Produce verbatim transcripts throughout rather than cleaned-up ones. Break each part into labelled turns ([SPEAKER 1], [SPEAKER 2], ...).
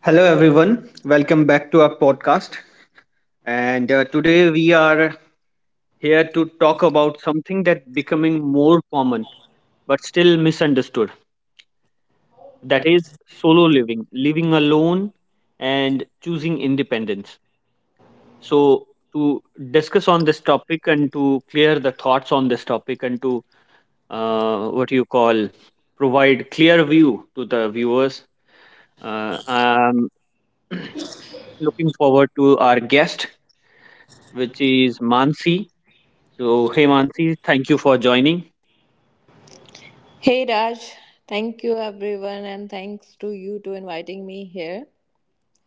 [SPEAKER 1] Hello, everyone. Welcome back to our podcast. And uh, Today we are here to talk about something that becoming more common but still misunderstood. That is solo living, living alone, and choosing independence. So to discuss on this topic and to clear the thoughts on this topic and to uh, what you call provide clear view to the viewers. Uh, I'm looking forward to our guest which is Mansi. So, hey Mansi, thank you for joining.
[SPEAKER 2] Hey Raj, thank you everyone and thanks to you to inviting me here.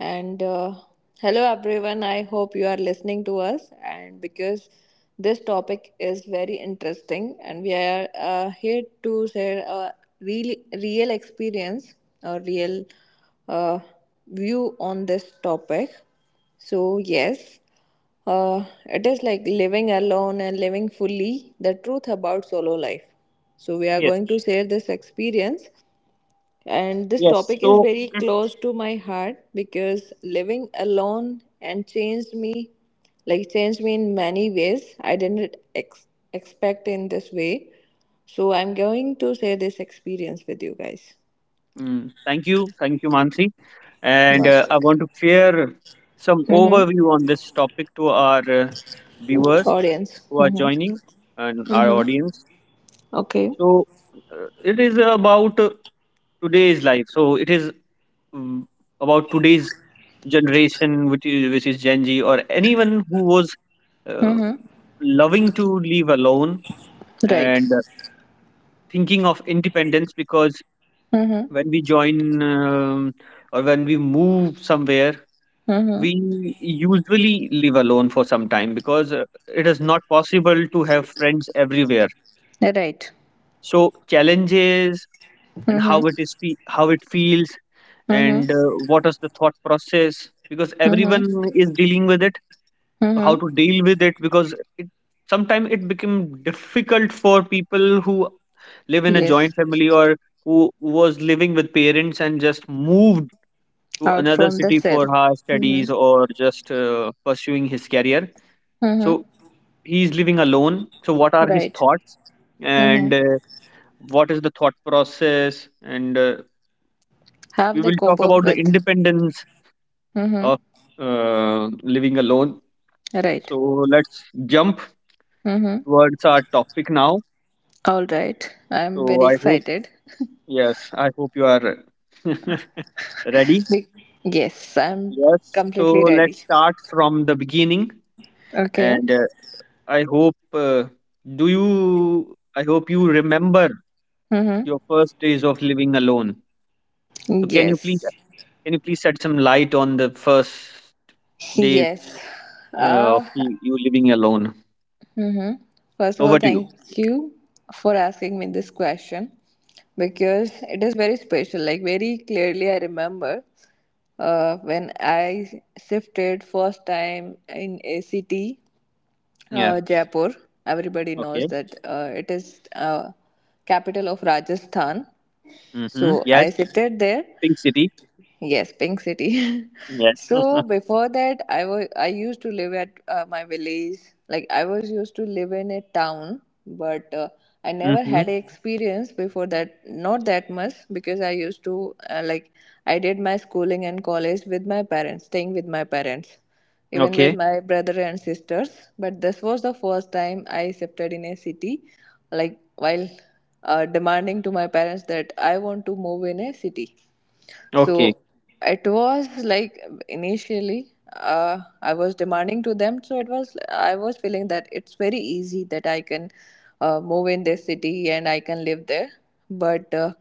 [SPEAKER 2] And uh, Hello, everyone. I hope you are listening to us. And because this topic is very interesting, and we are uh, here to share a real, real experience or real uh, view on this topic. So, yes, uh, it is like living alone and living fully, the truth about solo life. So, we are
[SPEAKER 1] Yes,
[SPEAKER 2] going to share this experience, and this
[SPEAKER 1] yes.
[SPEAKER 2] topic is
[SPEAKER 1] So,
[SPEAKER 2] very close to my heart because living alone and changed me, like changed me in many ways. I didn't ex- expect in this way. So I'm going to share this experience with you guys.
[SPEAKER 1] mm, thank you, thank you, Mansi. And
[SPEAKER 2] Last
[SPEAKER 1] uh, I
[SPEAKER 2] week.
[SPEAKER 1] want to clear some
[SPEAKER 2] Mm-hmm.
[SPEAKER 1] overview on this topic to our uh, viewers
[SPEAKER 2] Audience.
[SPEAKER 1] who are
[SPEAKER 2] Mm-hmm.
[SPEAKER 1] joining and our
[SPEAKER 2] Mm-hmm.
[SPEAKER 1] audience.
[SPEAKER 2] Okay.
[SPEAKER 1] So, uh, it is about uh, today's life. So, it is mm, about today's generation, which is, which is Gen Z, or anyone who was uh,
[SPEAKER 2] Mm-hmm.
[SPEAKER 1] loving to live alone
[SPEAKER 2] Right.
[SPEAKER 1] and thinking of independence because
[SPEAKER 2] Mm-hmm.
[SPEAKER 1] when we join um, or when we move somewhere
[SPEAKER 2] Mm-hmm.
[SPEAKER 1] we usually live alone for some time because uh, it is not possible to have friends everywhere,
[SPEAKER 2] Right.
[SPEAKER 1] so challenges and
[SPEAKER 2] Mm-hmm.
[SPEAKER 1] how it is fe- how it feels
[SPEAKER 2] Mm-hmm.
[SPEAKER 1] and uh, what is the thought process because everyone
[SPEAKER 2] Mm-hmm.
[SPEAKER 1] is dealing with it, how
[SPEAKER 2] Mm-hmm.
[SPEAKER 1] to deal with it because it sometimes it became difficult for people who live in a
[SPEAKER 2] Yes.
[SPEAKER 1] joint family or who was living with parents and just moved to
[SPEAKER 2] Out
[SPEAKER 1] another
[SPEAKER 2] from the
[SPEAKER 1] city
[SPEAKER 2] cell.
[SPEAKER 1] for her studies
[SPEAKER 2] Mm-hmm.
[SPEAKER 1] or just uh, pursuing his career, so
[SPEAKER 2] Mm-hmm.
[SPEAKER 1] he's living alone, so what are his
[SPEAKER 2] Right.
[SPEAKER 1] thoughts and
[SPEAKER 2] Mm-hmm.
[SPEAKER 1] uh, what is the thought process and uh,
[SPEAKER 2] Have
[SPEAKER 1] we
[SPEAKER 2] they
[SPEAKER 1] will
[SPEAKER 2] cope
[SPEAKER 1] talk
[SPEAKER 2] up
[SPEAKER 1] about the
[SPEAKER 2] with?
[SPEAKER 1] independence
[SPEAKER 2] Mm-hmm.
[SPEAKER 1] of uh, living alone.
[SPEAKER 2] Right.
[SPEAKER 1] So let's jump
[SPEAKER 2] Mm-hmm.
[SPEAKER 1] towards our topic now.
[SPEAKER 2] All right. I'm
[SPEAKER 1] So
[SPEAKER 2] very
[SPEAKER 1] I hope,
[SPEAKER 2] excited.
[SPEAKER 1] yes, I hope you are ready.
[SPEAKER 2] Be- yes, I'm
[SPEAKER 1] Yes. So
[SPEAKER 2] completely ready.
[SPEAKER 1] let's start from the beginning.
[SPEAKER 2] Okay.
[SPEAKER 1] And uh, I hope, uh, do you, I hope you remember
[SPEAKER 2] Mm-hmm.
[SPEAKER 1] your first days of living alone. So can you please,
[SPEAKER 2] Yes.
[SPEAKER 1] can you please shed some light on the first days
[SPEAKER 2] Yes.
[SPEAKER 1] uh, of
[SPEAKER 2] Uh,
[SPEAKER 1] you you living alone?
[SPEAKER 2] First of all,
[SPEAKER 1] Over to you.
[SPEAKER 2] thank you for asking me this question because it is very special. Like very clearly, I remember uh, when I shifted first time in A C T, uh,
[SPEAKER 1] Yes.
[SPEAKER 2] Jaipur. Everybody knows
[SPEAKER 1] Okay.
[SPEAKER 2] that uh, it is uh, capital of Rajasthan.
[SPEAKER 1] Mm-hmm.
[SPEAKER 2] So
[SPEAKER 1] Yes.
[SPEAKER 2] I sitted there.
[SPEAKER 1] Pink City.
[SPEAKER 2] Yes, Pink City.
[SPEAKER 1] Yes.
[SPEAKER 2] So before that, I was I used to live at uh, my village. Like I was used to live in a town, but uh, I never
[SPEAKER 1] Mm-hmm.
[SPEAKER 2] had a experience before that. Not that much because I used to uh, like I did my schooling and college with my parents, staying with my parents, even with
[SPEAKER 1] Okay.
[SPEAKER 2] my brother and sisters. But this was the first time I shifted in a city, like while uh, demanding to my parents that I want to move in a city.
[SPEAKER 1] Okay.
[SPEAKER 2] So it was like initially uh, I was demanding to them. So it was I was feeling that it's very easy that I can uh, move in this city and I can live there. But uh,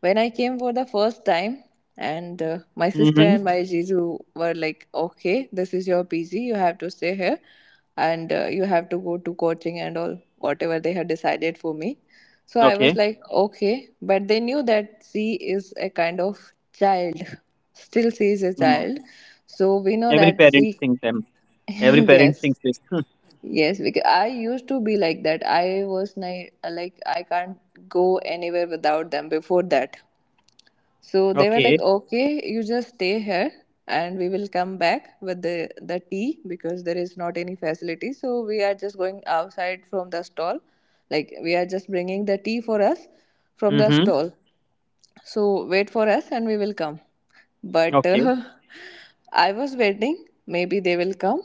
[SPEAKER 2] when I came for the first time, and uh, my sister
[SPEAKER 1] Mm-hmm.
[SPEAKER 2] and my Jizu were like, "Okay, this is your P G. You have to stay here, and uh, you have to go to coaching and all whatever they had decided for me." So I was
[SPEAKER 1] Okay.
[SPEAKER 2] like, okay, but they knew that she is a kind of child. Still, she is a
[SPEAKER 1] Mm.
[SPEAKER 2] child. So we know
[SPEAKER 1] Every
[SPEAKER 2] that
[SPEAKER 1] parent
[SPEAKER 2] she,
[SPEAKER 1] thinks Every parent
[SPEAKER 2] yes,
[SPEAKER 1] thinks this. Hmm,
[SPEAKER 2] yes. Because I used to be like that. I was ni- like, I can't go anywhere without them before that. So they were like,
[SPEAKER 1] okay.
[SPEAKER 2] okay, you just stay here and we will come back with the, the tea because there is not any facility. So we are just going outside from the stall. Like we are just bringing the tea for us from the
[SPEAKER 1] Mm-hmm.
[SPEAKER 2] stall. So wait for us and we will come. But
[SPEAKER 1] Okay.
[SPEAKER 2] uh, I was waiting, maybe they will come.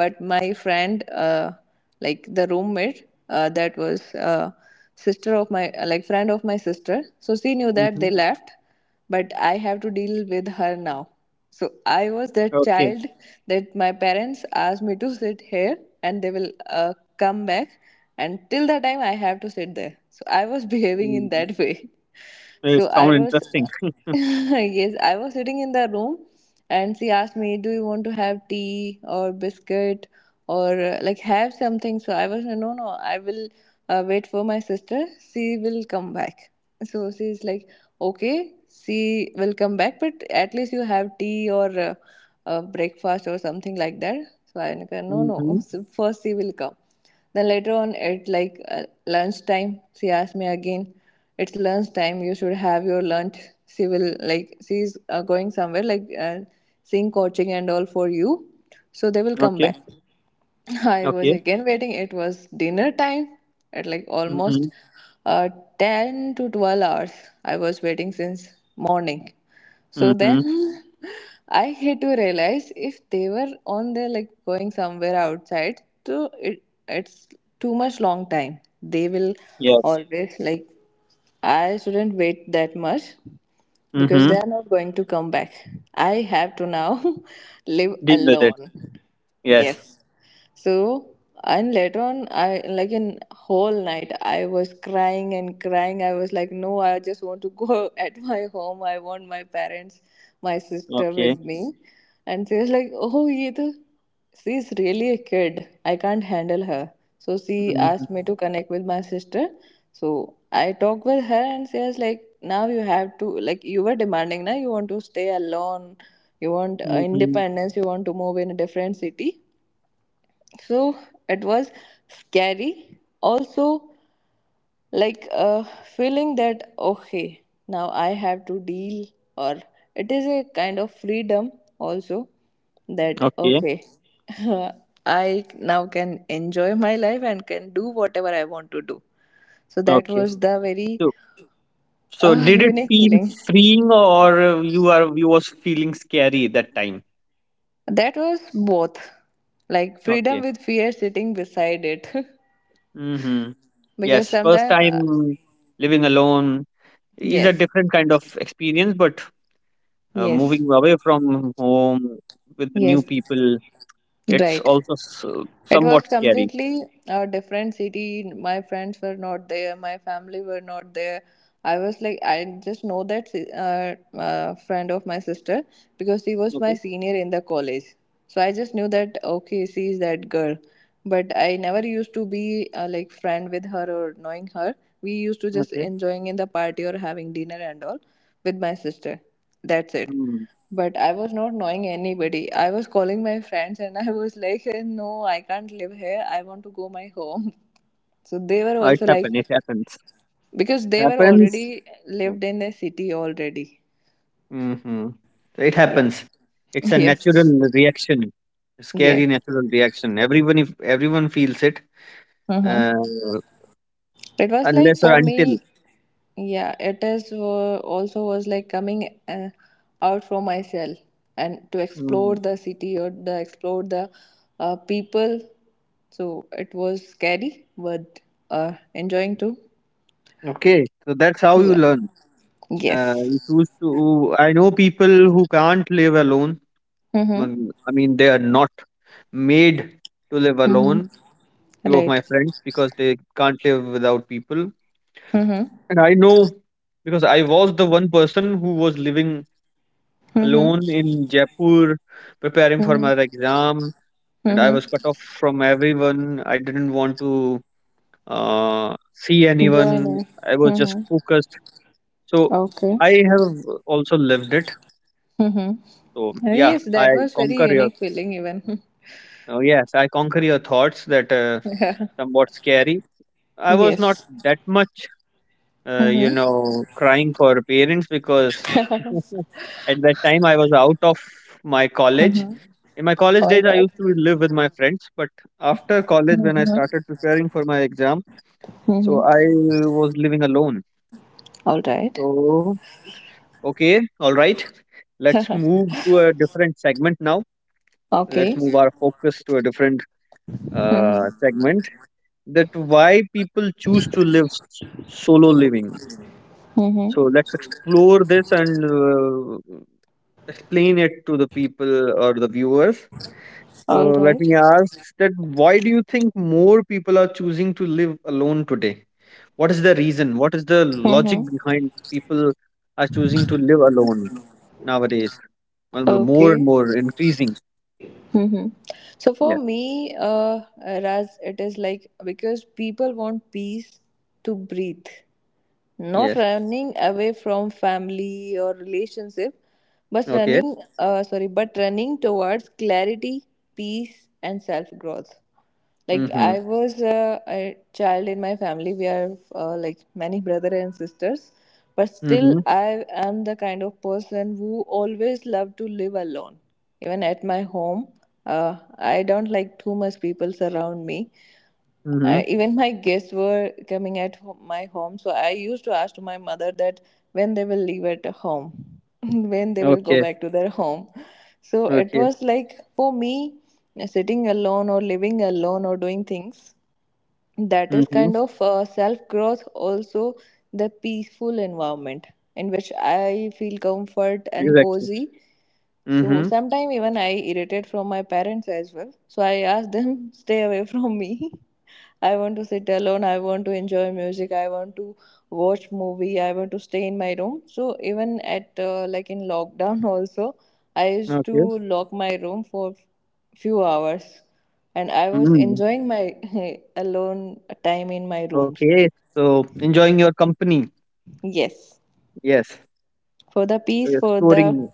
[SPEAKER 2] But my friend, uh, like the roommate, uh, that was uh, sister of my, like friend of my sister. So she knew that
[SPEAKER 1] Mm-hmm.
[SPEAKER 2] they left, but I have to deal with her now. So I was that
[SPEAKER 1] Okay.
[SPEAKER 2] child that my parents asked me to sit here, and they will uh, come back. And till the time, I have to sit there. So I was behaving in
[SPEAKER 1] Mm-hmm.
[SPEAKER 2] that way.
[SPEAKER 1] It
[SPEAKER 2] So I
[SPEAKER 1] sound
[SPEAKER 2] was,
[SPEAKER 1] interesting.
[SPEAKER 2] yes, I was sitting in the room and she asked me, do you want to have tea or biscuit or uh, like have something? So I was, like, no, no, I will uh, wait for my sister. She will come back. So she's like, okay, she will come back, but at least you have tea or uh, uh, breakfast or something like that. So I go, no,
[SPEAKER 1] Mm-hmm.
[SPEAKER 2] no, so first she will come. Then later on at like uh, lunchtime, she asked me again, "It's lunchtime. You should have your lunch." She will like she's uh, going somewhere like uh, seeing coaching and all for you, so they will come
[SPEAKER 1] Okay.
[SPEAKER 2] back. I was
[SPEAKER 1] Okay.
[SPEAKER 2] again waiting. It was dinner time at like
[SPEAKER 1] Mm-hmm.
[SPEAKER 2] almost uh, ten to twelve hours. I was waiting since morning. So
[SPEAKER 1] Mm-hmm.
[SPEAKER 2] then I had to realize if they were on their like going somewhere outside, so it, it's too much long time. They will
[SPEAKER 1] Yes.
[SPEAKER 2] always like, I shouldn't wait that much because they
[SPEAKER 1] Mm-hmm.
[SPEAKER 2] are not going to come back. I have to now live
[SPEAKER 1] Deal with it.
[SPEAKER 2] alone.
[SPEAKER 1] Yes.
[SPEAKER 2] Yes. So, and later on, I like in whole night, I was crying and crying. I was like, no, I just want to go at my home. I want my parents, my sister
[SPEAKER 1] Okay.
[SPEAKER 2] with me. And she was like, oh, ye to, she is really a kid. I can't handle her. So she
[SPEAKER 1] Mm-hmm.
[SPEAKER 2] asked me to connect with my sister. So I talked with her and she was like, now you have to, like, you were demanding, na, you want to stay alone, you want uh,
[SPEAKER 1] Mm-hmm.
[SPEAKER 2] independence, you want to move in a different city. So it was scary. Also, like a feeling that okay, now I have to deal, or it is a kind of freedom also, that
[SPEAKER 1] Okay.
[SPEAKER 2] okay, I now can enjoy my life and can do whatever I want to do. So that
[SPEAKER 1] Okay.
[SPEAKER 2] was the very
[SPEAKER 1] So, so
[SPEAKER 2] uh,
[SPEAKER 1] did it
[SPEAKER 2] unique
[SPEAKER 1] feel
[SPEAKER 2] feeling.
[SPEAKER 1] freeing or uh, you are you was feeling scary that time?
[SPEAKER 2] That was both like freedom
[SPEAKER 1] Okay.
[SPEAKER 2] with fear sitting beside it.
[SPEAKER 1] Mm-hmm.
[SPEAKER 2] Because
[SPEAKER 1] Yes. First
[SPEAKER 2] sometimes uh,
[SPEAKER 1] time living alone is a
[SPEAKER 2] yes,
[SPEAKER 1] different kind of experience, but uh,
[SPEAKER 2] yes.
[SPEAKER 1] moving away from home with new
[SPEAKER 2] Yes,
[SPEAKER 1] people, it's
[SPEAKER 2] right.
[SPEAKER 1] also s-
[SPEAKER 2] It was
[SPEAKER 1] somewhat scary.
[SPEAKER 2] completely a different city. My friends were not there. My family were not there. I was like, I just know that si- uh, uh, friend of my sister because she was my
[SPEAKER 1] Okay,
[SPEAKER 2] senior in the college. So I just knew that, okay, she is that girl. But I never used to be uh, like friend with her or knowing her. We used to just
[SPEAKER 1] okay.
[SPEAKER 2] enjoying in the party or having dinner and all with my sister. That's it.
[SPEAKER 1] Hmm.
[SPEAKER 2] But I was not knowing anybody. I was calling my friends and I was like, "Hey, no, I can't live here. I want to go my home." So they were
[SPEAKER 1] Uh, it
[SPEAKER 2] also like,
[SPEAKER 1] happens, it happens,
[SPEAKER 2] because they were
[SPEAKER 1] happens.
[SPEAKER 2] already lived in the city already.
[SPEAKER 1] Mm-hmm. It
[SPEAKER 2] Yeah.
[SPEAKER 1] happens, it's a natural
[SPEAKER 2] Yes.
[SPEAKER 1] reaction,
[SPEAKER 2] Yes.
[SPEAKER 1] scary natural reaction, everyone if everyone feels it,
[SPEAKER 2] Mm-hmm.
[SPEAKER 1] uh,
[SPEAKER 2] It was like
[SPEAKER 1] unless or
[SPEAKER 2] for
[SPEAKER 1] until.
[SPEAKER 2] me, yeah, it is uh, also was like coming uh, out from myself and to explore
[SPEAKER 1] Mm.
[SPEAKER 2] the city or the explore the uh, people. So it was scary, but uh, enjoying too.
[SPEAKER 1] Okay, so that's how you
[SPEAKER 2] Yeah.
[SPEAKER 1] learn, uh, you
[SPEAKER 2] Yes.
[SPEAKER 1] choose to. I know people who can't live alone.
[SPEAKER 2] Mhm.
[SPEAKER 1] Mm, I mean, they are not made to live
[SPEAKER 2] Mhm.
[SPEAKER 1] alone. Few of my
[SPEAKER 2] Right.
[SPEAKER 1] friends because they can't live without people,
[SPEAKER 2] Mhm.
[SPEAKER 1] and I know because I was the one person who was living
[SPEAKER 2] Mhm.
[SPEAKER 1] alone in Jaipur, preparing for my
[SPEAKER 2] Mhm.
[SPEAKER 1] exam, and I
[SPEAKER 2] Mhm.
[SPEAKER 1] was cut off from everyone. I didn't want to uh, see anyone.
[SPEAKER 2] Joining.
[SPEAKER 1] I was just
[SPEAKER 2] Mhm.
[SPEAKER 1] focused. So
[SPEAKER 2] Okay.
[SPEAKER 1] I have also lived it.
[SPEAKER 2] Mhm.
[SPEAKER 1] So
[SPEAKER 2] Uh,
[SPEAKER 1] yeah,
[SPEAKER 2] Yes, that
[SPEAKER 1] I
[SPEAKER 2] was very
[SPEAKER 1] conquer your.
[SPEAKER 2] unique feeling even.
[SPEAKER 1] Oh, yes, I conquer your thoughts that uh,
[SPEAKER 2] Yeah.
[SPEAKER 1] somewhat scary I was not
[SPEAKER 2] Yes.
[SPEAKER 1] that much, uh, you
[SPEAKER 2] Mm-hmm.
[SPEAKER 1] know, crying for parents because at that time I was out of my college.
[SPEAKER 2] Mm-hmm.
[SPEAKER 1] In my college
[SPEAKER 2] All
[SPEAKER 1] days, I
[SPEAKER 2] right.
[SPEAKER 1] used to live with my friends, but after college, when I
[SPEAKER 2] Mm-hmm.
[SPEAKER 1] started preparing for my exam, so
[SPEAKER 2] Mm-hmm.
[SPEAKER 1] I was living alone.
[SPEAKER 2] All right.
[SPEAKER 1] So, okay, all right, let's move to a different segment now. Let's
[SPEAKER 2] Okay.
[SPEAKER 1] move our focus to a different uh,
[SPEAKER 2] Mm-hmm.
[SPEAKER 1] segment, that why people choose to live s- solo living.
[SPEAKER 2] Mm-hmm.
[SPEAKER 1] So let's explore this and uh, explain it to the people or the viewers.
[SPEAKER 2] All
[SPEAKER 1] So let
[SPEAKER 2] right.
[SPEAKER 1] me ask that why do you think more people are choosing to live alone today? What is the reason? What is the logic
[SPEAKER 2] Mm-hmm.
[SPEAKER 1] behind people are choosing to live alone nowadays? Well, well, more and
[SPEAKER 2] Okay.
[SPEAKER 1] more increasing.
[SPEAKER 2] Mm-hmm. So for
[SPEAKER 1] Yeah.
[SPEAKER 2] me, uh, Raz, it is like because people want peace to breathe. Not
[SPEAKER 1] Yes.
[SPEAKER 2] running away from family or relationship, but
[SPEAKER 1] Okay.
[SPEAKER 2] running uh, sorry, but running towards clarity, peace and self growth. Like
[SPEAKER 1] Mm-hmm.
[SPEAKER 2] I was uh, a child in my family. We are uh, like many brother and sisters, but still
[SPEAKER 1] Mm-hmm.
[SPEAKER 2] I am the kind of person who always loved to live alone. Even at my home, uh, I don't like too much people surround me.
[SPEAKER 1] Mm-hmm.
[SPEAKER 2] I, even my guests were coming at ho my home, so I used to ask to my mother that when they will leave at home, when they will go
[SPEAKER 1] Okay.
[SPEAKER 2] back to their home. So it
[SPEAKER 1] Okay.
[SPEAKER 2] was like for me, sitting alone or living alone or doing things, that is
[SPEAKER 1] Mm-hmm.
[SPEAKER 2] kind of uh, self growth, also the peaceful environment in which I feel comfort and
[SPEAKER 1] Exactly.
[SPEAKER 2] cozy. So
[SPEAKER 1] Mm-hmm.
[SPEAKER 2] sometime even I irritate from my parents as well. So I ask them, stay away from me. I want to sit alone. I want to enjoy music. I want to watch movie. I want to stay in my room. So even at uh, like in lockdown also, I used to
[SPEAKER 1] Okay.
[SPEAKER 2] lock my room for few hours, and I was
[SPEAKER 1] Mm.
[SPEAKER 2] enjoying my alone time in my rooms.
[SPEAKER 1] Okay, so enjoying your company,
[SPEAKER 2] Yes,
[SPEAKER 1] yes,
[SPEAKER 2] for the
[SPEAKER 1] so
[SPEAKER 2] peace,
[SPEAKER 1] you're
[SPEAKER 2] for the
[SPEAKER 1] exploring,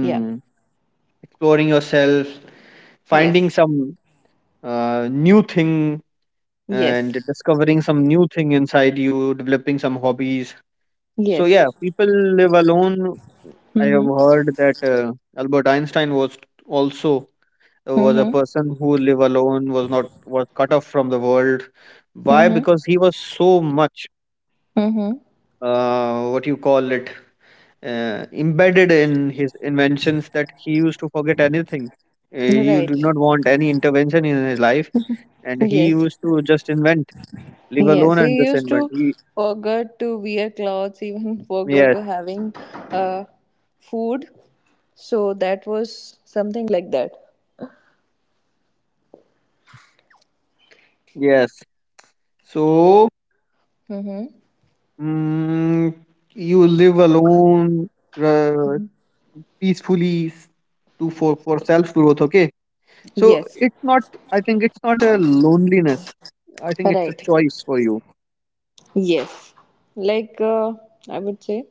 [SPEAKER 2] yeah,
[SPEAKER 1] exploring yourself, finding
[SPEAKER 2] yes,
[SPEAKER 1] some uh, new thing
[SPEAKER 2] yes,
[SPEAKER 1] and discovering some new thing inside you, developing some hobbies. So
[SPEAKER 2] yes.
[SPEAKER 1] yeah, people live alone. I have
[SPEAKER 2] Mm-hmm.
[SPEAKER 1] heard that uh, Albert Einstein was also uh, was a
[SPEAKER 2] Mm-hmm.
[SPEAKER 1] person who live alone, was not was cut off from the world. Why?
[SPEAKER 2] Mm-hmm.
[SPEAKER 1] Because he was so much
[SPEAKER 2] Mm-hmm.
[SPEAKER 1] uh, what you call it, uh, embedded in his inventions that he used to forget anything. Uh, you do
[SPEAKER 2] Right.
[SPEAKER 1] not want any intervention in his life, and he
[SPEAKER 2] Yes.
[SPEAKER 1] used to just invent, leave
[SPEAKER 2] Yes.
[SPEAKER 1] alone, and
[SPEAKER 2] He
[SPEAKER 1] just
[SPEAKER 2] used
[SPEAKER 1] invent.
[SPEAKER 2] to
[SPEAKER 1] He,
[SPEAKER 2] forget to wear clothes, even forgot
[SPEAKER 1] yes,
[SPEAKER 2] to having uh, food. So that was something like that.
[SPEAKER 1] yes. So
[SPEAKER 2] Mm-hmm.
[SPEAKER 1] mm, you live alone uh, peacefully s- to for for self growth. Okay, so
[SPEAKER 2] Yes.
[SPEAKER 1] it's not. I think it's not a loneliness. I think it's a
[SPEAKER 2] Right.
[SPEAKER 1] choice for you.
[SPEAKER 2] Yes. Like uh, I would say,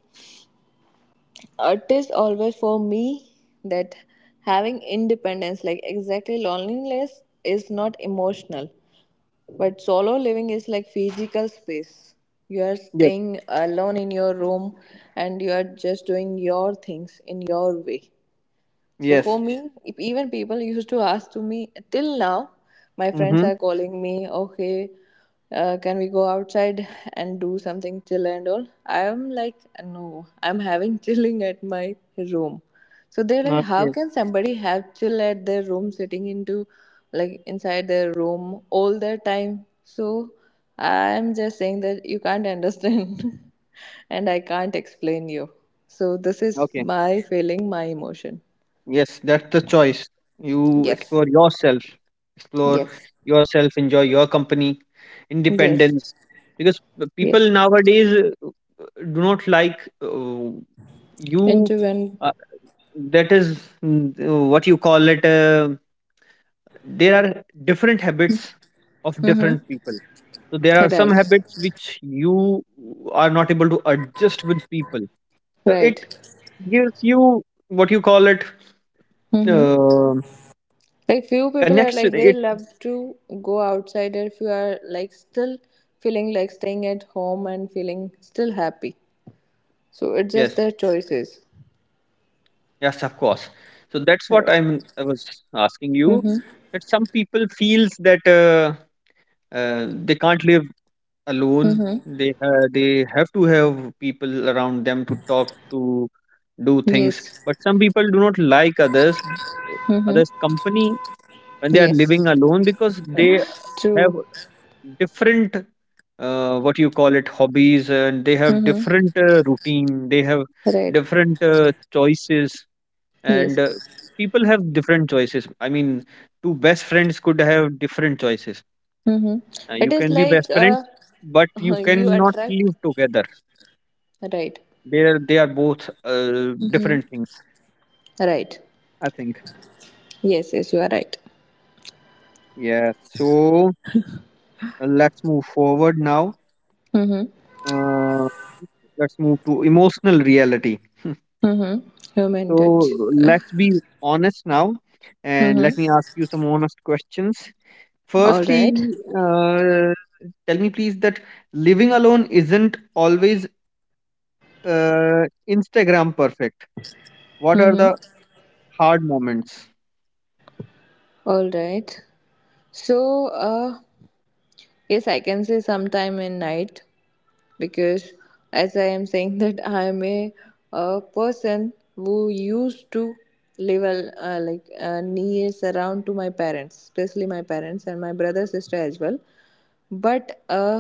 [SPEAKER 2] it is always for me that having independence, like exactly loneliness, is not emotional. But solo living is like physical space. You are
[SPEAKER 1] Yes.
[SPEAKER 2] staying alone in your room and you are just doing your things in your way. So for
[SPEAKER 1] Yes.
[SPEAKER 2] me, if even people used to ask to me till now, my friends
[SPEAKER 1] Mm-hmm.
[SPEAKER 2] are calling me, okay, uh, can we go outside and do something chill and all? I'm like, no, I'm having chilling at my room. So they're like, how
[SPEAKER 1] Okay.
[SPEAKER 2] can somebody have chill at their room, sitting into like inside their room all the time? So I'm just saying that you can't understand, and I can't explain you. So this is
[SPEAKER 1] Okay.
[SPEAKER 2] my feeling, my emotion.
[SPEAKER 1] Yes, that's the choice. You
[SPEAKER 2] Yes.
[SPEAKER 1] explore yourself, explore
[SPEAKER 2] Yes.
[SPEAKER 1] yourself, enjoy your company,
[SPEAKER 2] Yes.
[SPEAKER 1] independence. Because the people
[SPEAKER 2] Yes.
[SPEAKER 1] nowadays uh, uh, do not like uh, you.
[SPEAKER 2] Into when?
[SPEAKER 1] Uh, that is mm, uh, what you call it. Uh, there are different habits of
[SPEAKER 2] Mm-hmm.
[SPEAKER 1] different people. So there are some
[SPEAKER 2] Right.
[SPEAKER 1] habits which you are not able to adjust with people. So it
[SPEAKER 2] Right.
[SPEAKER 1] gives you what you call it.
[SPEAKER 2] Mm-hmm.
[SPEAKER 1] Uh,
[SPEAKER 2] Like few
[SPEAKER 1] connects.
[SPEAKER 2] people are like they love to go outside if you are like still feeling like staying at home and feeling still happy. So it's
[SPEAKER 1] Yes,
[SPEAKER 2] just their choices.
[SPEAKER 1] yes, of course. So that's what
[SPEAKER 2] Right.
[SPEAKER 1] I'm. I was asking you
[SPEAKER 2] Mm-hmm.
[SPEAKER 1] that some people feels that uh, uh, they can't live alone.
[SPEAKER 2] Mm-hmm.
[SPEAKER 1] They uh, they have to have people around them to talk to, do things.
[SPEAKER 2] Yes.
[SPEAKER 1] But some people do not like others, others' company when they are
[SPEAKER 2] Yes.
[SPEAKER 1] living alone because they have
[SPEAKER 2] True.
[SPEAKER 1] different uh, what you call it hobbies, and they have
[SPEAKER 2] Mm-hmm.
[SPEAKER 1] different uh, routine, they have
[SPEAKER 2] Right.
[SPEAKER 1] different uh, choices,
[SPEAKER 2] Yes.
[SPEAKER 1] and uh, people have different choices. I mean, two best friends could have different choices.
[SPEAKER 2] Mm-hmm.
[SPEAKER 1] uh, you
[SPEAKER 2] It is
[SPEAKER 1] can be
[SPEAKER 2] like
[SPEAKER 1] best
[SPEAKER 2] uh
[SPEAKER 1] friends but you
[SPEAKER 2] you
[SPEAKER 1] cannot
[SPEAKER 2] attract
[SPEAKER 1] live together.
[SPEAKER 2] right.
[SPEAKER 1] They are they are both uh,
[SPEAKER 2] Mm-hmm.
[SPEAKER 1] different things,
[SPEAKER 2] Right.
[SPEAKER 1] I think.
[SPEAKER 2] Yes, yes, you are right.
[SPEAKER 1] Yeah, so uh, let's move forward now,
[SPEAKER 2] Mm-hmm.
[SPEAKER 1] uh, let's move to emotional reality.
[SPEAKER 2] Mm-hmm. Human
[SPEAKER 1] So
[SPEAKER 2] touch.
[SPEAKER 1] let's be honest now, and
[SPEAKER 2] Mm-hmm.
[SPEAKER 1] let me ask you some honest questions.
[SPEAKER 2] All
[SPEAKER 1] Firstly,
[SPEAKER 2] right.
[SPEAKER 1] uh, tell me please that living alone isn't always Uh, Instagram perfect. What are
[SPEAKER 2] Mm-hmm.
[SPEAKER 1] the hard moments?
[SPEAKER 2] All right. So, uh, yes, I can say sometime in night because, as I am saying, that I am a, a person who used to live al- uh, like uh, near surround to my parents, especially my parents and my brother sister as well. But uh,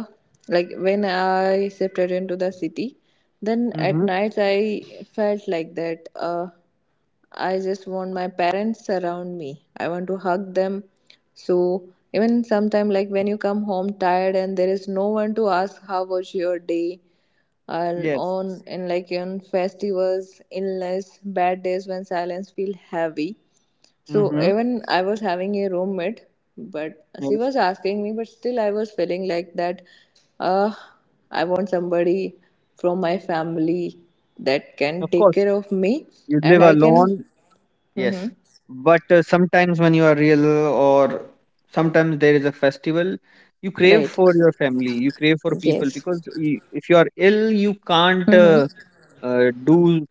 [SPEAKER 2] like when I shifted into the city, then at
[SPEAKER 1] Mm-hmm.
[SPEAKER 2] nights I felt like that uh, I just want my parents around me. I want to hug them. So even sometime, like when you come home tired and there is no one to ask how was your day, and
[SPEAKER 1] Yes.
[SPEAKER 2] on in like on festivals, illness, bad days when silence feel heavy. So
[SPEAKER 1] Mm-hmm.
[SPEAKER 2] even I was having a roommate, but she
[SPEAKER 1] Yes.
[SPEAKER 2] was asking me, but still I was feeling like that. Uh, I want somebody from my family that can
[SPEAKER 1] Of
[SPEAKER 2] take
[SPEAKER 1] course,
[SPEAKER 2] care of me,
[SPEAKER 1] you live
[SPEAKER 2] and I can.
[SPEAKER 1] alone.
[SPEAKER 2] Mm-hmm.
[SPEAKER 1] Yes. But uh, sometimes when you are real, or sometimes there is a festival, you crave
[SPEAKER 2] Right.
[SPEAKER 1] for your family. You crave for people
[SPEAKER 2] Yes.
[SPEAKER 1] because y- if you are ill, you can't
[SPEAKER 2] Mm-hmm.
[SPEAKER 1] uh, uh, do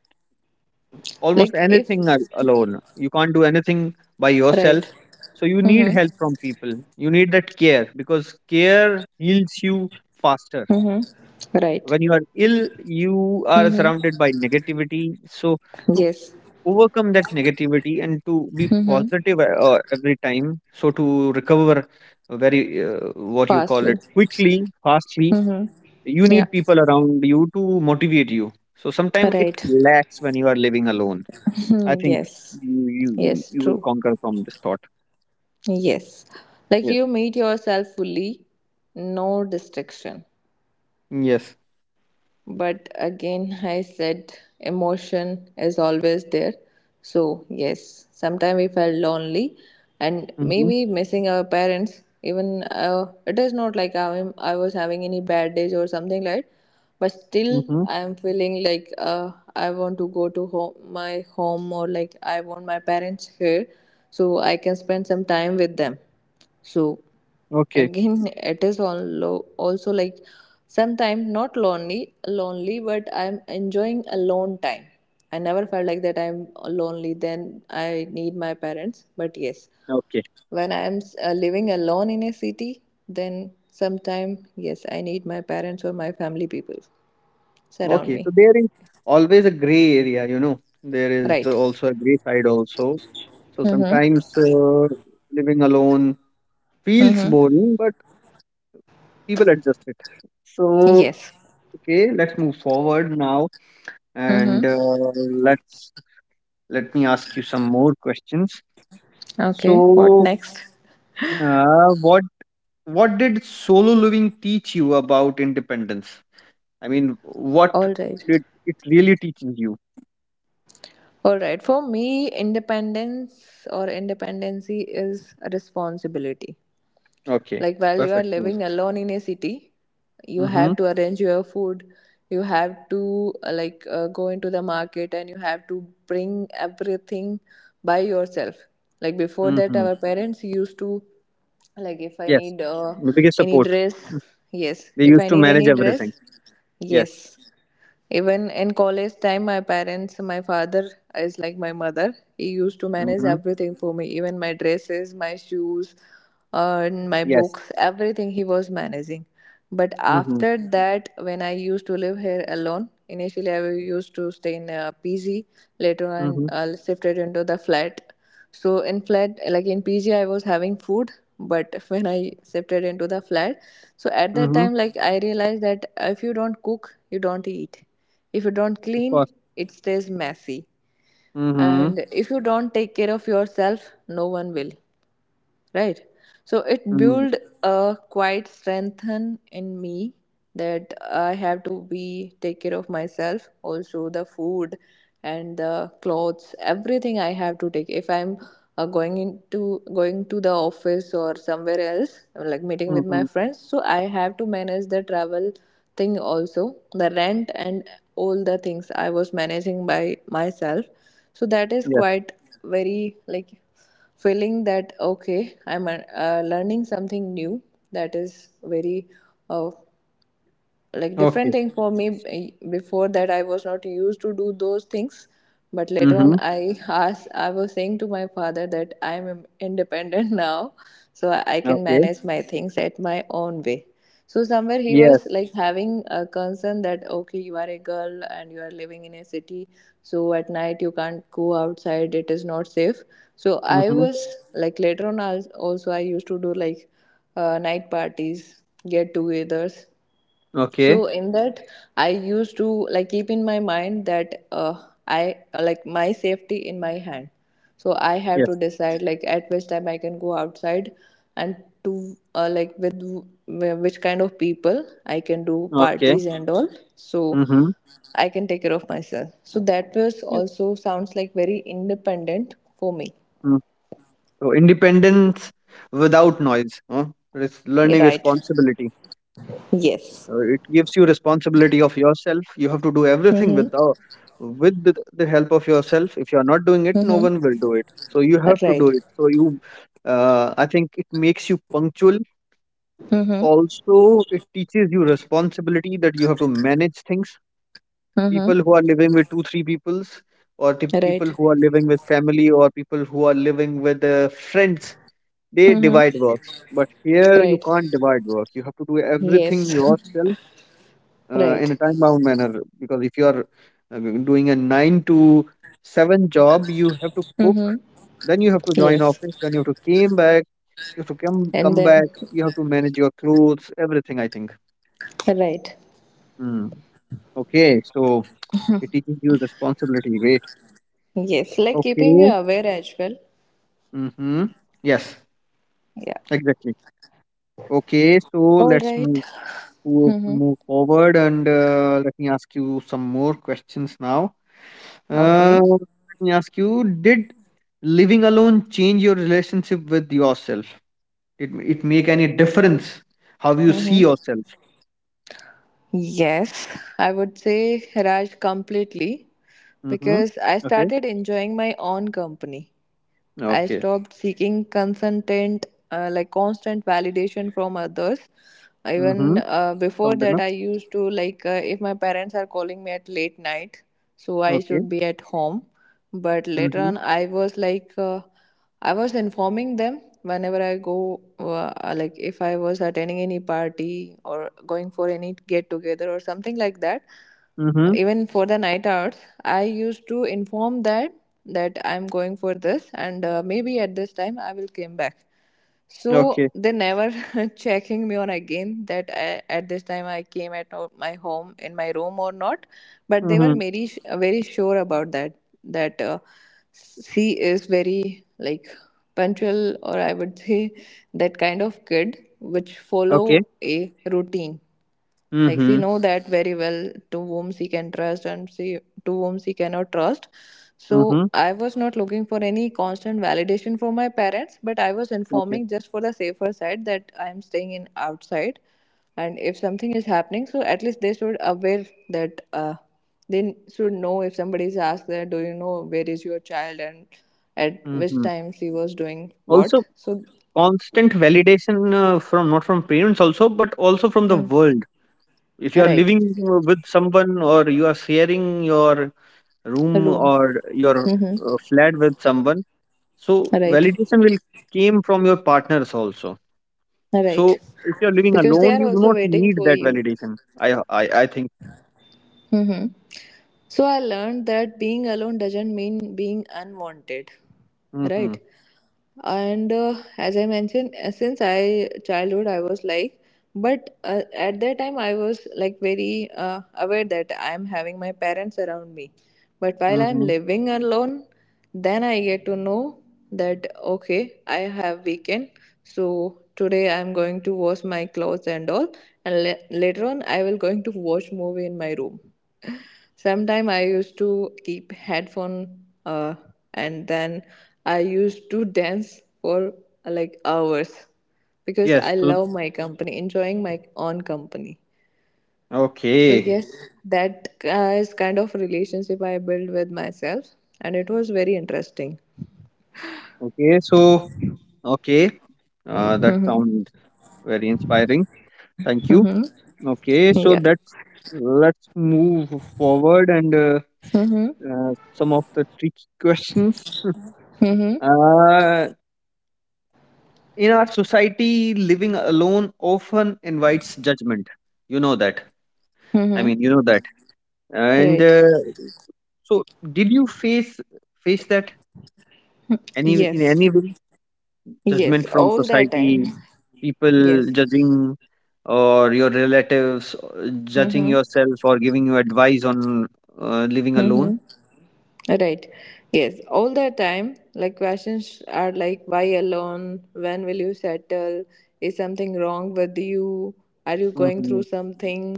[SPEAKER 1] almost
[SPEAKER 2] Like if
[SPEAKER 1] anything al- alone. You can't do anything by
[SPEAKER 2] right.
[SPEAKER 1] yourself. So you need
[SPEAKER 2] Mm-hmm.
[SPEAKER 1] help from people. You need that care because care heals you faster.
[SPEAKER 2] Mm-hmm. Right.
[SPEAKER 1] When you are ill, you are
[SPEAKER 2] Mm-hmm.
[SPEAKER 1] surrounded by negativity. So to
[SPEAKER 2] Yes.
[SPEAKER 1] overcome that negativity and to be
[SPEAKER 2] Mm-hmm.
[SPEAKER 1] positive uh, uh, every time, so to recover very uh, what you call
[SPEAKER 2] Fastly.
[SPEAKER 1] it, quickly, fastly,
[SPEAKER 2] Mm-hmm.
[SPEAKER 1] you
[SPEAKER 2] Yeah.
[SPEAKER 1] need people around you to motivate you. So sometimes it
[SPEAKER 2] Right.
[SPEAKER 1] lacks when you are living alone. I think
[SPEAKER 2] yes.
[SPEAKER 1] you you
[SPEAKER 2] Yes.
[SPEAKER 1] you will
[SPEAKER 2] True.
[SPEAKER 1] conquer from this thought.
[SPEAKER 2] Yes, like
[SPEAKER 1] Yes.
[SPEAKER 2] you meet yourself fully, no distraction.
[SPEAKER 1] Yes.
[SPEAKER 2] But again, I said emotion is always there. So, yes, sometimes we felt lonely and
[SPEAKER 1] Mm-hmm.
[SPEAKER 2] maybe missing our parents. Even uh, it is not like I'm, I was having any bad days or something like that, but still
[SPEAKER 1] Mm-hmm.
[SPEAKER 2] I'm feeling like uh, I want to go to home, my home, or like I want my parents here so I can spend some time with them. So
[SPEAKER 1] Okay.
[SPEAKER 2] again it is on low also, like sometimes not lonely lonely but I'm enjoying alone time. I never felt like that I'm lonely then I need my parents, but yes,
[SPEAKER 1] Okay.
[SPEAKER 2] when I'm uh, living alone in a city, then sometime yes, I need my parents or my family people surround
[SPEAKER 1] Okay. So
[SPEAKER 2] me.
[SPEAKER 1] there is always a gray area, you know. There is also a
[SPEAKER 2] Right.
[SPEAKER 1] gray side also. So
[SPEAKER 2] Mm-hmm.
[SPEAKER 1] sometimes uh, living alone feels
[SPEAKER 2] Mm-hmm.
[SPEAKER 1] boring, but people adjust it. So
[SPEAKER 2] Yes.
[SPEAKER 1] okay, let's move forward now,
[SPEAKER 2] Mm-hmm.
[SPEAKER 1] and uh, let's let me ask you some more questions.
[SPEAKER 2] Okay, what
[SPEAKER 1] So,
[SPEAKER 2] next?
[SPEAKER 1] uh, what what did solo living teach you about independence? I mean, what
[SPEAKER 2] All right.
[SPEAKER 1] did it really teaches you?
[SPEAKER 2] All right. For me, independence or independency is a responsibility.
[SPEAKER 1] Okay,
[SPEAKER 2] Like while you are
[SPEAKER 1] perfect.
[SPEAKER 2] living alone in a city, you
[SPEAKER 1] Mm-hmm.
[SPEAKER 2] have to arrange your food. You have to uh, like uh, go into the market and you have to bring everything by yourself. Like before that,
[SPEAKER 1] Mm-hmm.
[SPEAKER 2] our parents used to, like if I
[SPEAKER 1] Yes,
[SPEAKER 2] need uh,
[SPEAKER 1] the biggest
[SPEAKER 2] any
[SPEAKER 1] support.
[SPEAKER 2] dress,
[SPEAKER 1] Mm.
[SPEAKER 2] yes.
[SPEAKER 1] They
[SPEAKER 2] If
[SPEAKER 1] used
[SPEAKER 2] I
[SPEAKER 1] to
[SPEAKER 2] need
[SPEAKER 1] manage
[SPEAKER 2] any
[SPEAKER 1] everything.
[SPEAKER 2] dress,
[SPEAKER 1] Yes.
[SPEAKER 2] yes. Even in college time, my parents, my father is like my mother. He used to manage
[SPEAKER 1] Mm-hmm.
[SPEAKER 2] everything for me, even my dresses, my shoes, uh, and my
[SPEAKER 1] Yes.
[SPEAKER 2] books, everything he was managing. But
[SPEAKER 1] Mm-hmm.
[SPEAKER 2] after that, when I used to live here alone, initially I used to stay in a P G, later on
[SPEAKER 1] Mm-hmm.
[SPEAKER 2] I shifted into the flat. So in flat, like in P G, I was having food, but when I shifted into the flat, so at that
[SPEAKER 1] Mm-hmm.
[SPEAKER 2] time, like I realized that if you don't cook, you don't eat. If you don't
[SPEAKER 1] Of
[SPEAKER 2] clean,
[SPEAKER 1] course.
[SPEAKER 2] it stays messy.
[SPEAKER 1] Mm-hmm.
[SPEAKER 2] And if you don't take care of yourself, no one will. Right. So it
[SPEAKER 1] Mm-hmm.
[SPEAKER 2] built a quite strengthen in me that I have to be take care of myself, also the food and the clothes, everything I have to take. If I'm uh, going into going to the office or somewhere else like meeting with
[SPEAKER 1] Mm-hmm.
[SPEAKER 2] my friends, so I have to manage the travel thing, also the rent, and all the things I was managing by myself. So that is
[SPEAKER 1] Yes.
[SPEAKER 2] quite very like feeling that okay, I'm uh, learning something new that is very uh, like
[SPEAKER 1] Okay.
[SPEAKER 2] different thing for me. Eh, before that I was not used to do those things, but later
[SPEAKER 1] Mm-hmm.
[SPEAKER 2] on I asked, I was saying to my father that I am independent now. So i I can
[SPEAKER 1] Okay.
[SPEAKER 2] manage my things at my own way. So somewhere he
[SPEAKER 1] Yes.
[SPEAKER 2] was like having a concern that okay, you are a girl and you are living in a city, so at night you can't go outside, it is not safe. So I
[SPEAKER 1] Mm-hmm.
[SPEAKER 2] was like later on I was- also I used to do like uh, night parties, get togethers. So
[SPEAKER 1] Okay.
[SPEAKER 2] in that I used to like keep in my mind that uh, I like my safety in my hand. So I have to
[SPEAKER 1] Yes.
[SPEAKER 2] decide like at which time I can go outside, and to uh, like with wh- which kind of people I can do
[SPEAKER 1] Okay.
[SPEAKER 2] parties and all, so
[SPEAKER 1] Mm-hmm.
[SPEAKER 2] I can take care of myself. So that was
[SPEAKER 1] Yes.
[SPEAKER 2] also sounds like very independent for me.
[SPEAKER 1] So independence without noise, huh? Res- learning
[SPEAKER 2] Right.
[SPEAKER 1] responsibility.
[SPEAKER 2] Yes.
[SPEAKER 1] Uh, it gives you responsibility of yourself. You have to do everything with the
[SPEAKER 2] Mm-hmm.
[SPEAKER 1] with the, the help of yourself. If you are not doing it, no
[SPEAKER 2] Mm-hmm.
[SPEAKER 1] one will do it, so you have to do
[SPEAKER 2] Right.
[SPEAKER 1] it, so you uh, I think it makes you punctual
[SPEAKER 2] Mm-hmm.
[SPEAKER 1] also. It teaches you responsibility that you have to manage things. People
[SPEAKER 2] Mm-hmm.
[SPEAKER 1] who are living with two three peoples or the people
[SPEAKER 2] Right.
[SPEAKER 1] who are living with family or people who are living with uh, friends, they divide
[SPEAKER 2] Mm-hmm.
[SPEAKER 1] works, but here you
[SPEAKER 2] Right.
[SPEAKER 1] can't divide work, you have to do everything
[SPEAKER 2] Yes.
[SPEAKER 1] yourself uh, in
[SPEAKER 2] right.
[SPEAKER 1] a time bound manner. Because if you are uh, doing a nine to seven job, you have to cook,
[SPEAKER 2] Mm-hmm.
[SPEAKER 1] then you have to join
[SPEAKER 2] Yes.
[SPEAKER 1] office, then you have to came back, you have to come
[SPEAKER 2] And
[SPEAKER 1] come back,
[SPEAKER 2] then,
[SPEAKER 1] you have to manage your clothes, everything, I think.
[SPEAKER 2] right.
[SPEAKER 1] Hmm. Okay, so it teaches you responsibility, great.
[SPEAKER 2] Yes. Like keeping you
[SPEAKER 1] Okay.
[SPEAKER 2] aware as well.
[SPEAKER 1] Mm-hmm. Yes,
[SPEAKER 2] Yeah.
[SPEAKER 1] exactly. Okay, so
[SPEAKER 2] All
[SPEAKER 1] let's
[SPEAKER 2] right.
[SPEAKER 1] move to
[SPEAKER 2] Mm-hmm.
[SPEAKER 1] move forward, and uh, let me ask you some more questions now. Uh,
[SPEAKER 2] Okay.
[SPEAKER 1] let me ask you, did living alone change your relationship with yourself? Did it make any difference how you see
[SPEAKER 2] Mm-hmm.
[SPEAKER 1] yourself?
[SPEAKER 2] Yes. I would say Raj, completely,
[SPEAKER 1] Mm-hmm.
[SPEAKER 2] because I
[SPEAKER 1] Okay.
[SPEAKER 2] started enjoying my own company. I
[SPEAKER 1] Okay.
[SPEAKER 2] stopped seeking constant, uh, like constant validation from others. Even
[SPEAKER 1] Mm-hmm.
[SPEAKER 2] uh, before
[SPEAKER 1] Sound
[SPEAKER 2] that,
[SPEAKER 1] enough.
[SPEAKER 2] I used to like uh, if my parents are calling me at late night, so I
[SPEAKER 1] Okay.
[SPEAKER 2] should be at home. But later
[SPEAKER 1] Mm-hmm.
[SPEAKER 2] on, I was like, uh, I was informing them whenever I go, uh, like if I was attending any party or going for any get together or something like that.
[SPEAKER 1] Mm-hmm.
[SPEAKER 2] Even for the night hours, I used to inform that that I'm going for this, and uh, maybe at this time I will come back. So
[SPEAKER 1] Okay.
[SPEAKER 2] they never checking me on again that I, at this time I came at ho- my home in my room or not. But they were
[SPEAKER 1] Mm-hmm.
[SPEAKER 2] very sh- very sure about that that uh, she is very like punctual, or I would say that kind of kid which
[SPEAKER 1] Okay.
[SPEAKER 2] follow a routine. Like she
[SPEAKER 1] Mm-hmm.
[SPEAKER 2] know that very well to whom she can trust, and she to whom she cannot trust. So
[SPEAKER 1] Mm-hmm.
[SPEAKER 2] I was not looking for any constant validation from my parents, but I was
[SPEAKER 1] Okay.
[SPEAKER 2] informing just for the safer side that I am staying in outside, and if something is happening, so at least they should aware that uh, they should know if somebody is asked that do you know where is your child and at which
[SPEAKER 1] Mm-hmm.
[SPEAKER 2] time she was doing what.
[SPEAKER 1] Also,
[SPEAKER 2] So.
[SPEAKER 1] constant validation uh, from not from parents also, but also from the
[SPEAKER 2] Mm.
[SPEAKER 1] world. If you are
[SPEAKER 2] Right.
[SPEAKER 1] living with someone or you are sharing your room
[SPEAKER 2] Room.
[SPEAKER 1] or your
[SPEAKER 2] Mm-hmm.
[SPEAKER 1] uh, flat with someone, so
[SPEAKER 2] Right.
[SPEAKER 1] validation will came from your partners also. So
[SPEAKER 2] Right.
[SPEAKER 1] if you are living
[SPEAKER 2] Because they
[SPEAKER 1] alone,
[SPEAKER 2] are
[SPEAKER 1] you do
[SPEAKER 2] also
[SPEAKER 1] not
[SPEAKER 2] waiting
[SPEAKER 1] need
[SPEAKER 2] for
[SPEAKER 1] that
[SPEAKER 2] you.
[SPEAKER 1] validation. I I I think.
[SPEAKER 2] Mm-hmm. So I learned that being alone doesn't mean being unwanted.
[SPEAKER 1] Mm-hmm.
[SPEAKER 2] Right. And uh, as I mentioned, uh, since I childhood I was like, but uh, at that time I was like very uh, aware that I am having my parents around me. But while I'm
[SPEAKER 1] Mm-hmm.
[SPEAKER 2] living alone, then I get to know that okay, I have weekend. So today I'm going to wash my clothes and all, and la- later on I will going to watch movie in my room. Sometime I used to keep headphone, uh, and then I used to dance for uh, like hours, because
[SPEAKER 1] Yes.
[SPEAKER 2] I
[SPEAKER 1] So,
[SPEAKER 2] love my company, enjoying my own company. So
[SPEAKER 1] okay.
[SPEAKER 2] yes, that uh, is kind of relationship I built with myself, and it was very interesting.
[SPEAKER 1] Okay. So okay. Uh, that
[SPEAKER 2] Mhm.
[SPEAKER 1] sounds very inspiring. Thank you.
[SPEAKER 2] Mhm.
[SPEAKER 1] Okay. So
[SPEAKER 2] Yeah.
[SPEAKER 1] that's let's move forward and. Uh,
[SPEAKER 2] Mhm.
[SPEAKER 1] uh, some of the tricky questions.
[SPEAKER 2] Mhm.
[SPEAKER 1] Uh, in our society, living alone often invites judgment. You know that. I
[SPEAKER 2] Mhm.
[SPEAKER 1] mean, you know that. And
[SPEAKER 2] Right.
[SPEAKER 1] uh, so, did you face face that any in any
[SPEAKER 2] Yes.
[SPEAKER 1] way? Judgment
[SPEAKER 2] Yes,
[SPEAKER 1] from
[SPEAKER 2] all the time.
[SPEAKER 1] society, people
[SPEAKER 2] Yes.
[SPEAKER 1] judging, or your relatives uh, judging
[SPEAKER 2] Mhm.
[SPEAKER 1] yourself or giving you advice on uh, living alone.
[SPEAKER 2] Mhm. Right. Yes. All the time, like questions are like, why alone? When will you settle? Is something wrong with you? Are you going through
[SPEAKER 1] Mm-hmm.
[SPEAKER 2] something?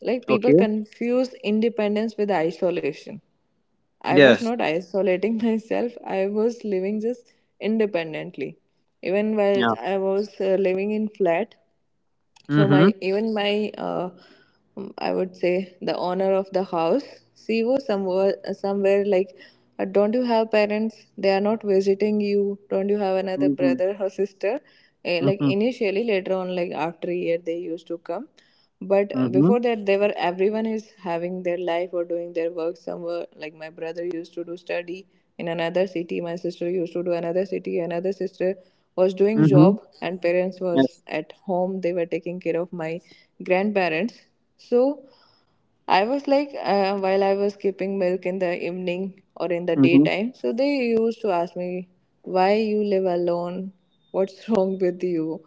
[SPEAKER 2] Like people
[SPEAKER 1] Okay.
[SPEAKER 2] confuse independence with isolation. I was
[SPEAKER 1] Yes.
[SPEAKER 2] not isolating myself, I was living just independently. Even while
[SPEAKER 1] Yeah.
[SPEAKER 2] I was uh, living in flat, so my
[SPEAKER 1] Mm-hmm.
[SPEAKER 2] even my uh, um, I would say, the owner of the house, she was somewhere somewhere like, uh, don't you have parents? They are not visiting you. Don't you have another
[SPEAKER 1] Mm-hmm.
[SPEAKER 2] brother or sister? Eh, like
[SPEAKER 1] Mm-hmm.
[SPEAKER 2] initially, later on, like after a year, they used to come, but
[SPEAKER 1] Mm-hmm.
[SPEAKER 2] before that they were, everyone is having their life or doing their work somewhere. Like my brother used to do study in another city, my sister used to do another city, another sister was doing
[SPEAKER 1] Mhm.
[SPEAKER 2] job, and parents was
[SPEAKER 1] Yes.
[SPEAKER 2] at home, they were taking care of my grandparents. So I was like, uh, while I was keeping milk in the evening or in the
[SPEAKER 1] Mhm.
[SPEAKER 2] daytime, so they used to ask me, why you live alone? What's wrong with you?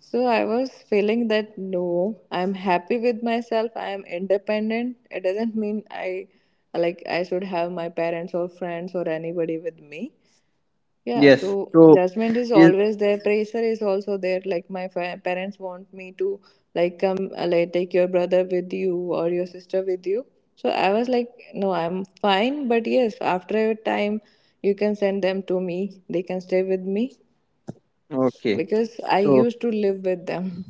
[SPEAKER 2] So I was feeling that no, I'm happy with myself, I am independent. It doesn't mean I, like I should have my parents or friends or anybody with me. Yeah,
[SPEAKER 1] Yes.
[SPEAKER 2] so
[SPEAKER 1] So
[SPEAKER 2] judgment is
[SPEAKER 1] is
[SPEAKER 2] always there. Pressure is also there. Like my fa- parents want me to like come, uh, like take your brother with you or your sister with you. So I was like, no, I'm fine. But yes, after a time, you can send them to me. They can stay with me
[SPEAKER 1] okay.
[SPEAKER 2] because I
[SPEAKER 1] So
[SPEAKER 2] used to live with them.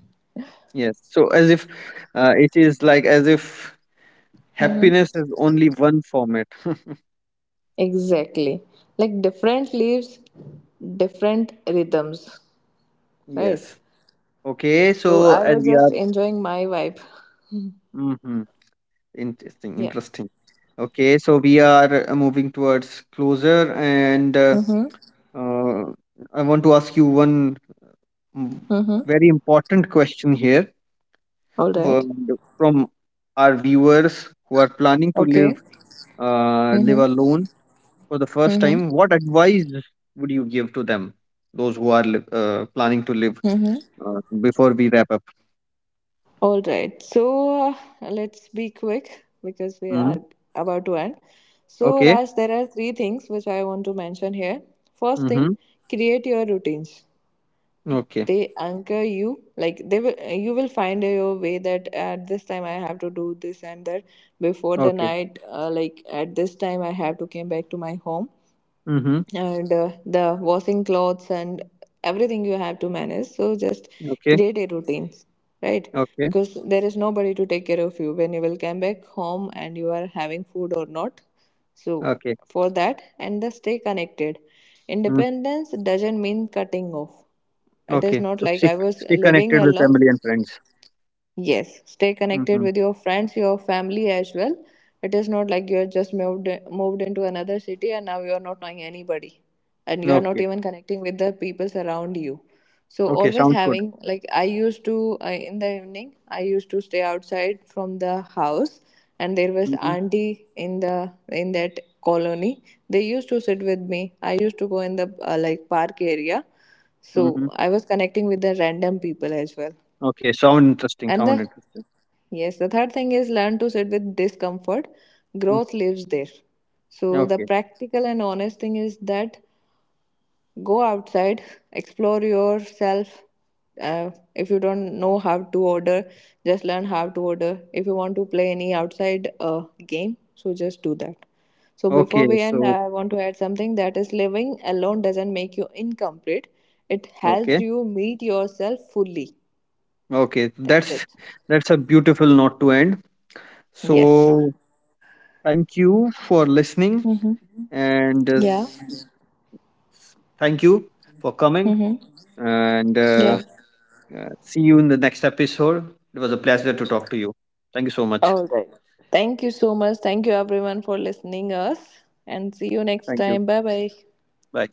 [SPEAKER 1] yes. So as if uh, it is like as if
[SPEAKER 2] Mm-hmm.
[SPEAKER 1] happiness is only one format.
[SPEAKER 2] Exactly. Like different leaves, different rhythms, right?
[SPEAKER 1] Yes. Okay.
[SPEAKER 2] So
[SPEAKER 1] So
[SPEAKER 2] I
[SPEAKER 1] as
[SPEAKER 2] was
[SPEAKER 1] we
[SPEAKER 2] just
[SPEAKER 1] are.
[SPEAKER 2] enjoying my vibe.
[SPEAKER 1] Mm-hmm. Interesting.
[SPEAKER 2] Yeah.
[SPEAKER 1] Interesting. Okay. So we are uh, moving towards closer, and uh,
[SPEAKER 2] Mm-hmm.
[SPEAKER 1] uh, I want to ask you one mm, very important question here
[SPEAKER 2] All
[SPEAKER 1] wo-
[SPEAKER 2] right.
[SPEAKER 1] from our viewers who are planning to live
[SPEAKER 2] Okay.
[SPEAKER 1] uh, live
[SPEAKER 2] Mm-hmm.
[SPEAKER 1] alone for the first
[SPEAKER 2] Mm-hmm.
[SPEAKER 1] time, what advice would you give to them, those who are li- uh, planning to live?
[SPEAKER 2] Mm-hmm.
[SPEAKER 1] Uh, before we wrap up.
[SPEAKER 2] All right. So uh, let's be quick because we
[SPEAKER 1] Hmm.
[SPEAKER 2] are about to end. So,
[SPEAKER 1] Okay.
[SPEAKER 2] Raj, there are three things which I want to mention here. First thing,
[SPEAKER 1] Hmm.
[SPEAKER 2] create your routines.
[SPEAKER 1] Okay.
[SPEAKER 2] They anchor you. Like they will, you will find your way that at this time I have to do this and that before the
[SPEAKER 1] Okay.
[SPEAKER 2] night. Uh, like at this time I have to come back to my home,
[SPEAKER 1] Hmm.
[SPEAKER 2] and uh, the washing clothes and everything you have to manage, so just
[SPEAKER 1] Okay.
[SPEAKER 2] create a routine, right?
[SPEAKER 1] Okay.
[SPEAKER 2] Because there is nobody to take care of you when you will come back home and you are having food or not. So
[SPEAKER 1] Okay.
[SPEAKER 2] for that. And the stay connected.
[SPEAKER 1] Mm.
[SPEAKER 2] Independence doesn't mean cutting off. It is
[SPEAKER 1] Okay.
[SPEAKER 2] not
[SPEAKER 1] So
[SPEAKER 2] like
[SPEAKER 1] stick
[SPEAKER 2] I was
[SPEAKER 1] stay
[SPEAKER 2] living
[SPEAKER 1] connected with
[SPEAKER 2] alone.
[SPEAKER 1] family and friends.
[SPEAKER 2] Yes, stay connected
[SPEAKER 1] Hmm.
[SPEAKER 2] with your friends, your family as well. It is not like you're just moved moved into another city and now you're not knowing anybody, and you're not
[SPEAKER 1] Okay.
[SPEAKER 2] even connecting with the people around you. So
[SPEAKER 1] Okay.
[SPEAKER 2] always
[SPEAKER 1] Sounds good.
[SPEAKER 2] having, like I used to uh, in the evening I used to stay outside from the house, and there was
[SPEAKER 1] Hmm.
[SPEAKER 2] auntie in the in that colony. They used to sit with me. I used to go in the uh, like park area. So
[SPEAKER 1] Hmm.
[SPEAKER 2] I was connecting with the random people as well.
[SPEAKER 1] Okay. Sound interesting.
[SPEAKER 2] And
[SPEAKER 1] Sound
[SPEAKER 2] the,
[SPEAKER 1] interesting.
[SPEAKER 2] yes, the third thing is learn to sit with discomfort.
[SPEAKER 1] Mm.
[SPEAKER 2] Growth lives there. So, the
[SPEAKER 1] Okay.
[SPEAKER 2] practical and honest thing is that go outside, explore yourself. Uh, if you don't know how to order, just learn how to order. If you want to play any outside uh, game, so just do that. So, before
[SPEAKER 1] Okay.
[SPEAKER 2] we end,
[SPEAKER 1] So
[SPEAKER 2] I want to add something that is living alone doesn't make you incomplete, it helps
[SPEAKER 1] okay.
[SPEAKER 2] you meet yourself fully.
[SPEAKER 1] Okay.
[SPEAKER 2] That's it.
[SPEAKER 1] That's that's a beautiful note to end.
[SPEAKER 2] Yes.
[SPEAKER 1] So thank you for listening.
[SPEAKER 2] Hmm.
[SPEAKER 1] And uh,
[SPEAKER 2] Yeah.
[SPEAKER 1] s- s- thank you for coming.
[SPEAKER 2] Mm-hmm.
[SPEAKER 1] And uh,
[SPEAKER 2] Yeah.
[SPEAKER 1] uh, see you in the next episode. It was a pleasure to talk to you. Thank you so much.
[SPEAKER 2] All right. Thank you so much. Thank you everyone for listening us, and see you next
[SPEAKER 1] Thank you.
[SPEAKER 2] time. Bye bye.
[SPEAKER 1] Bye.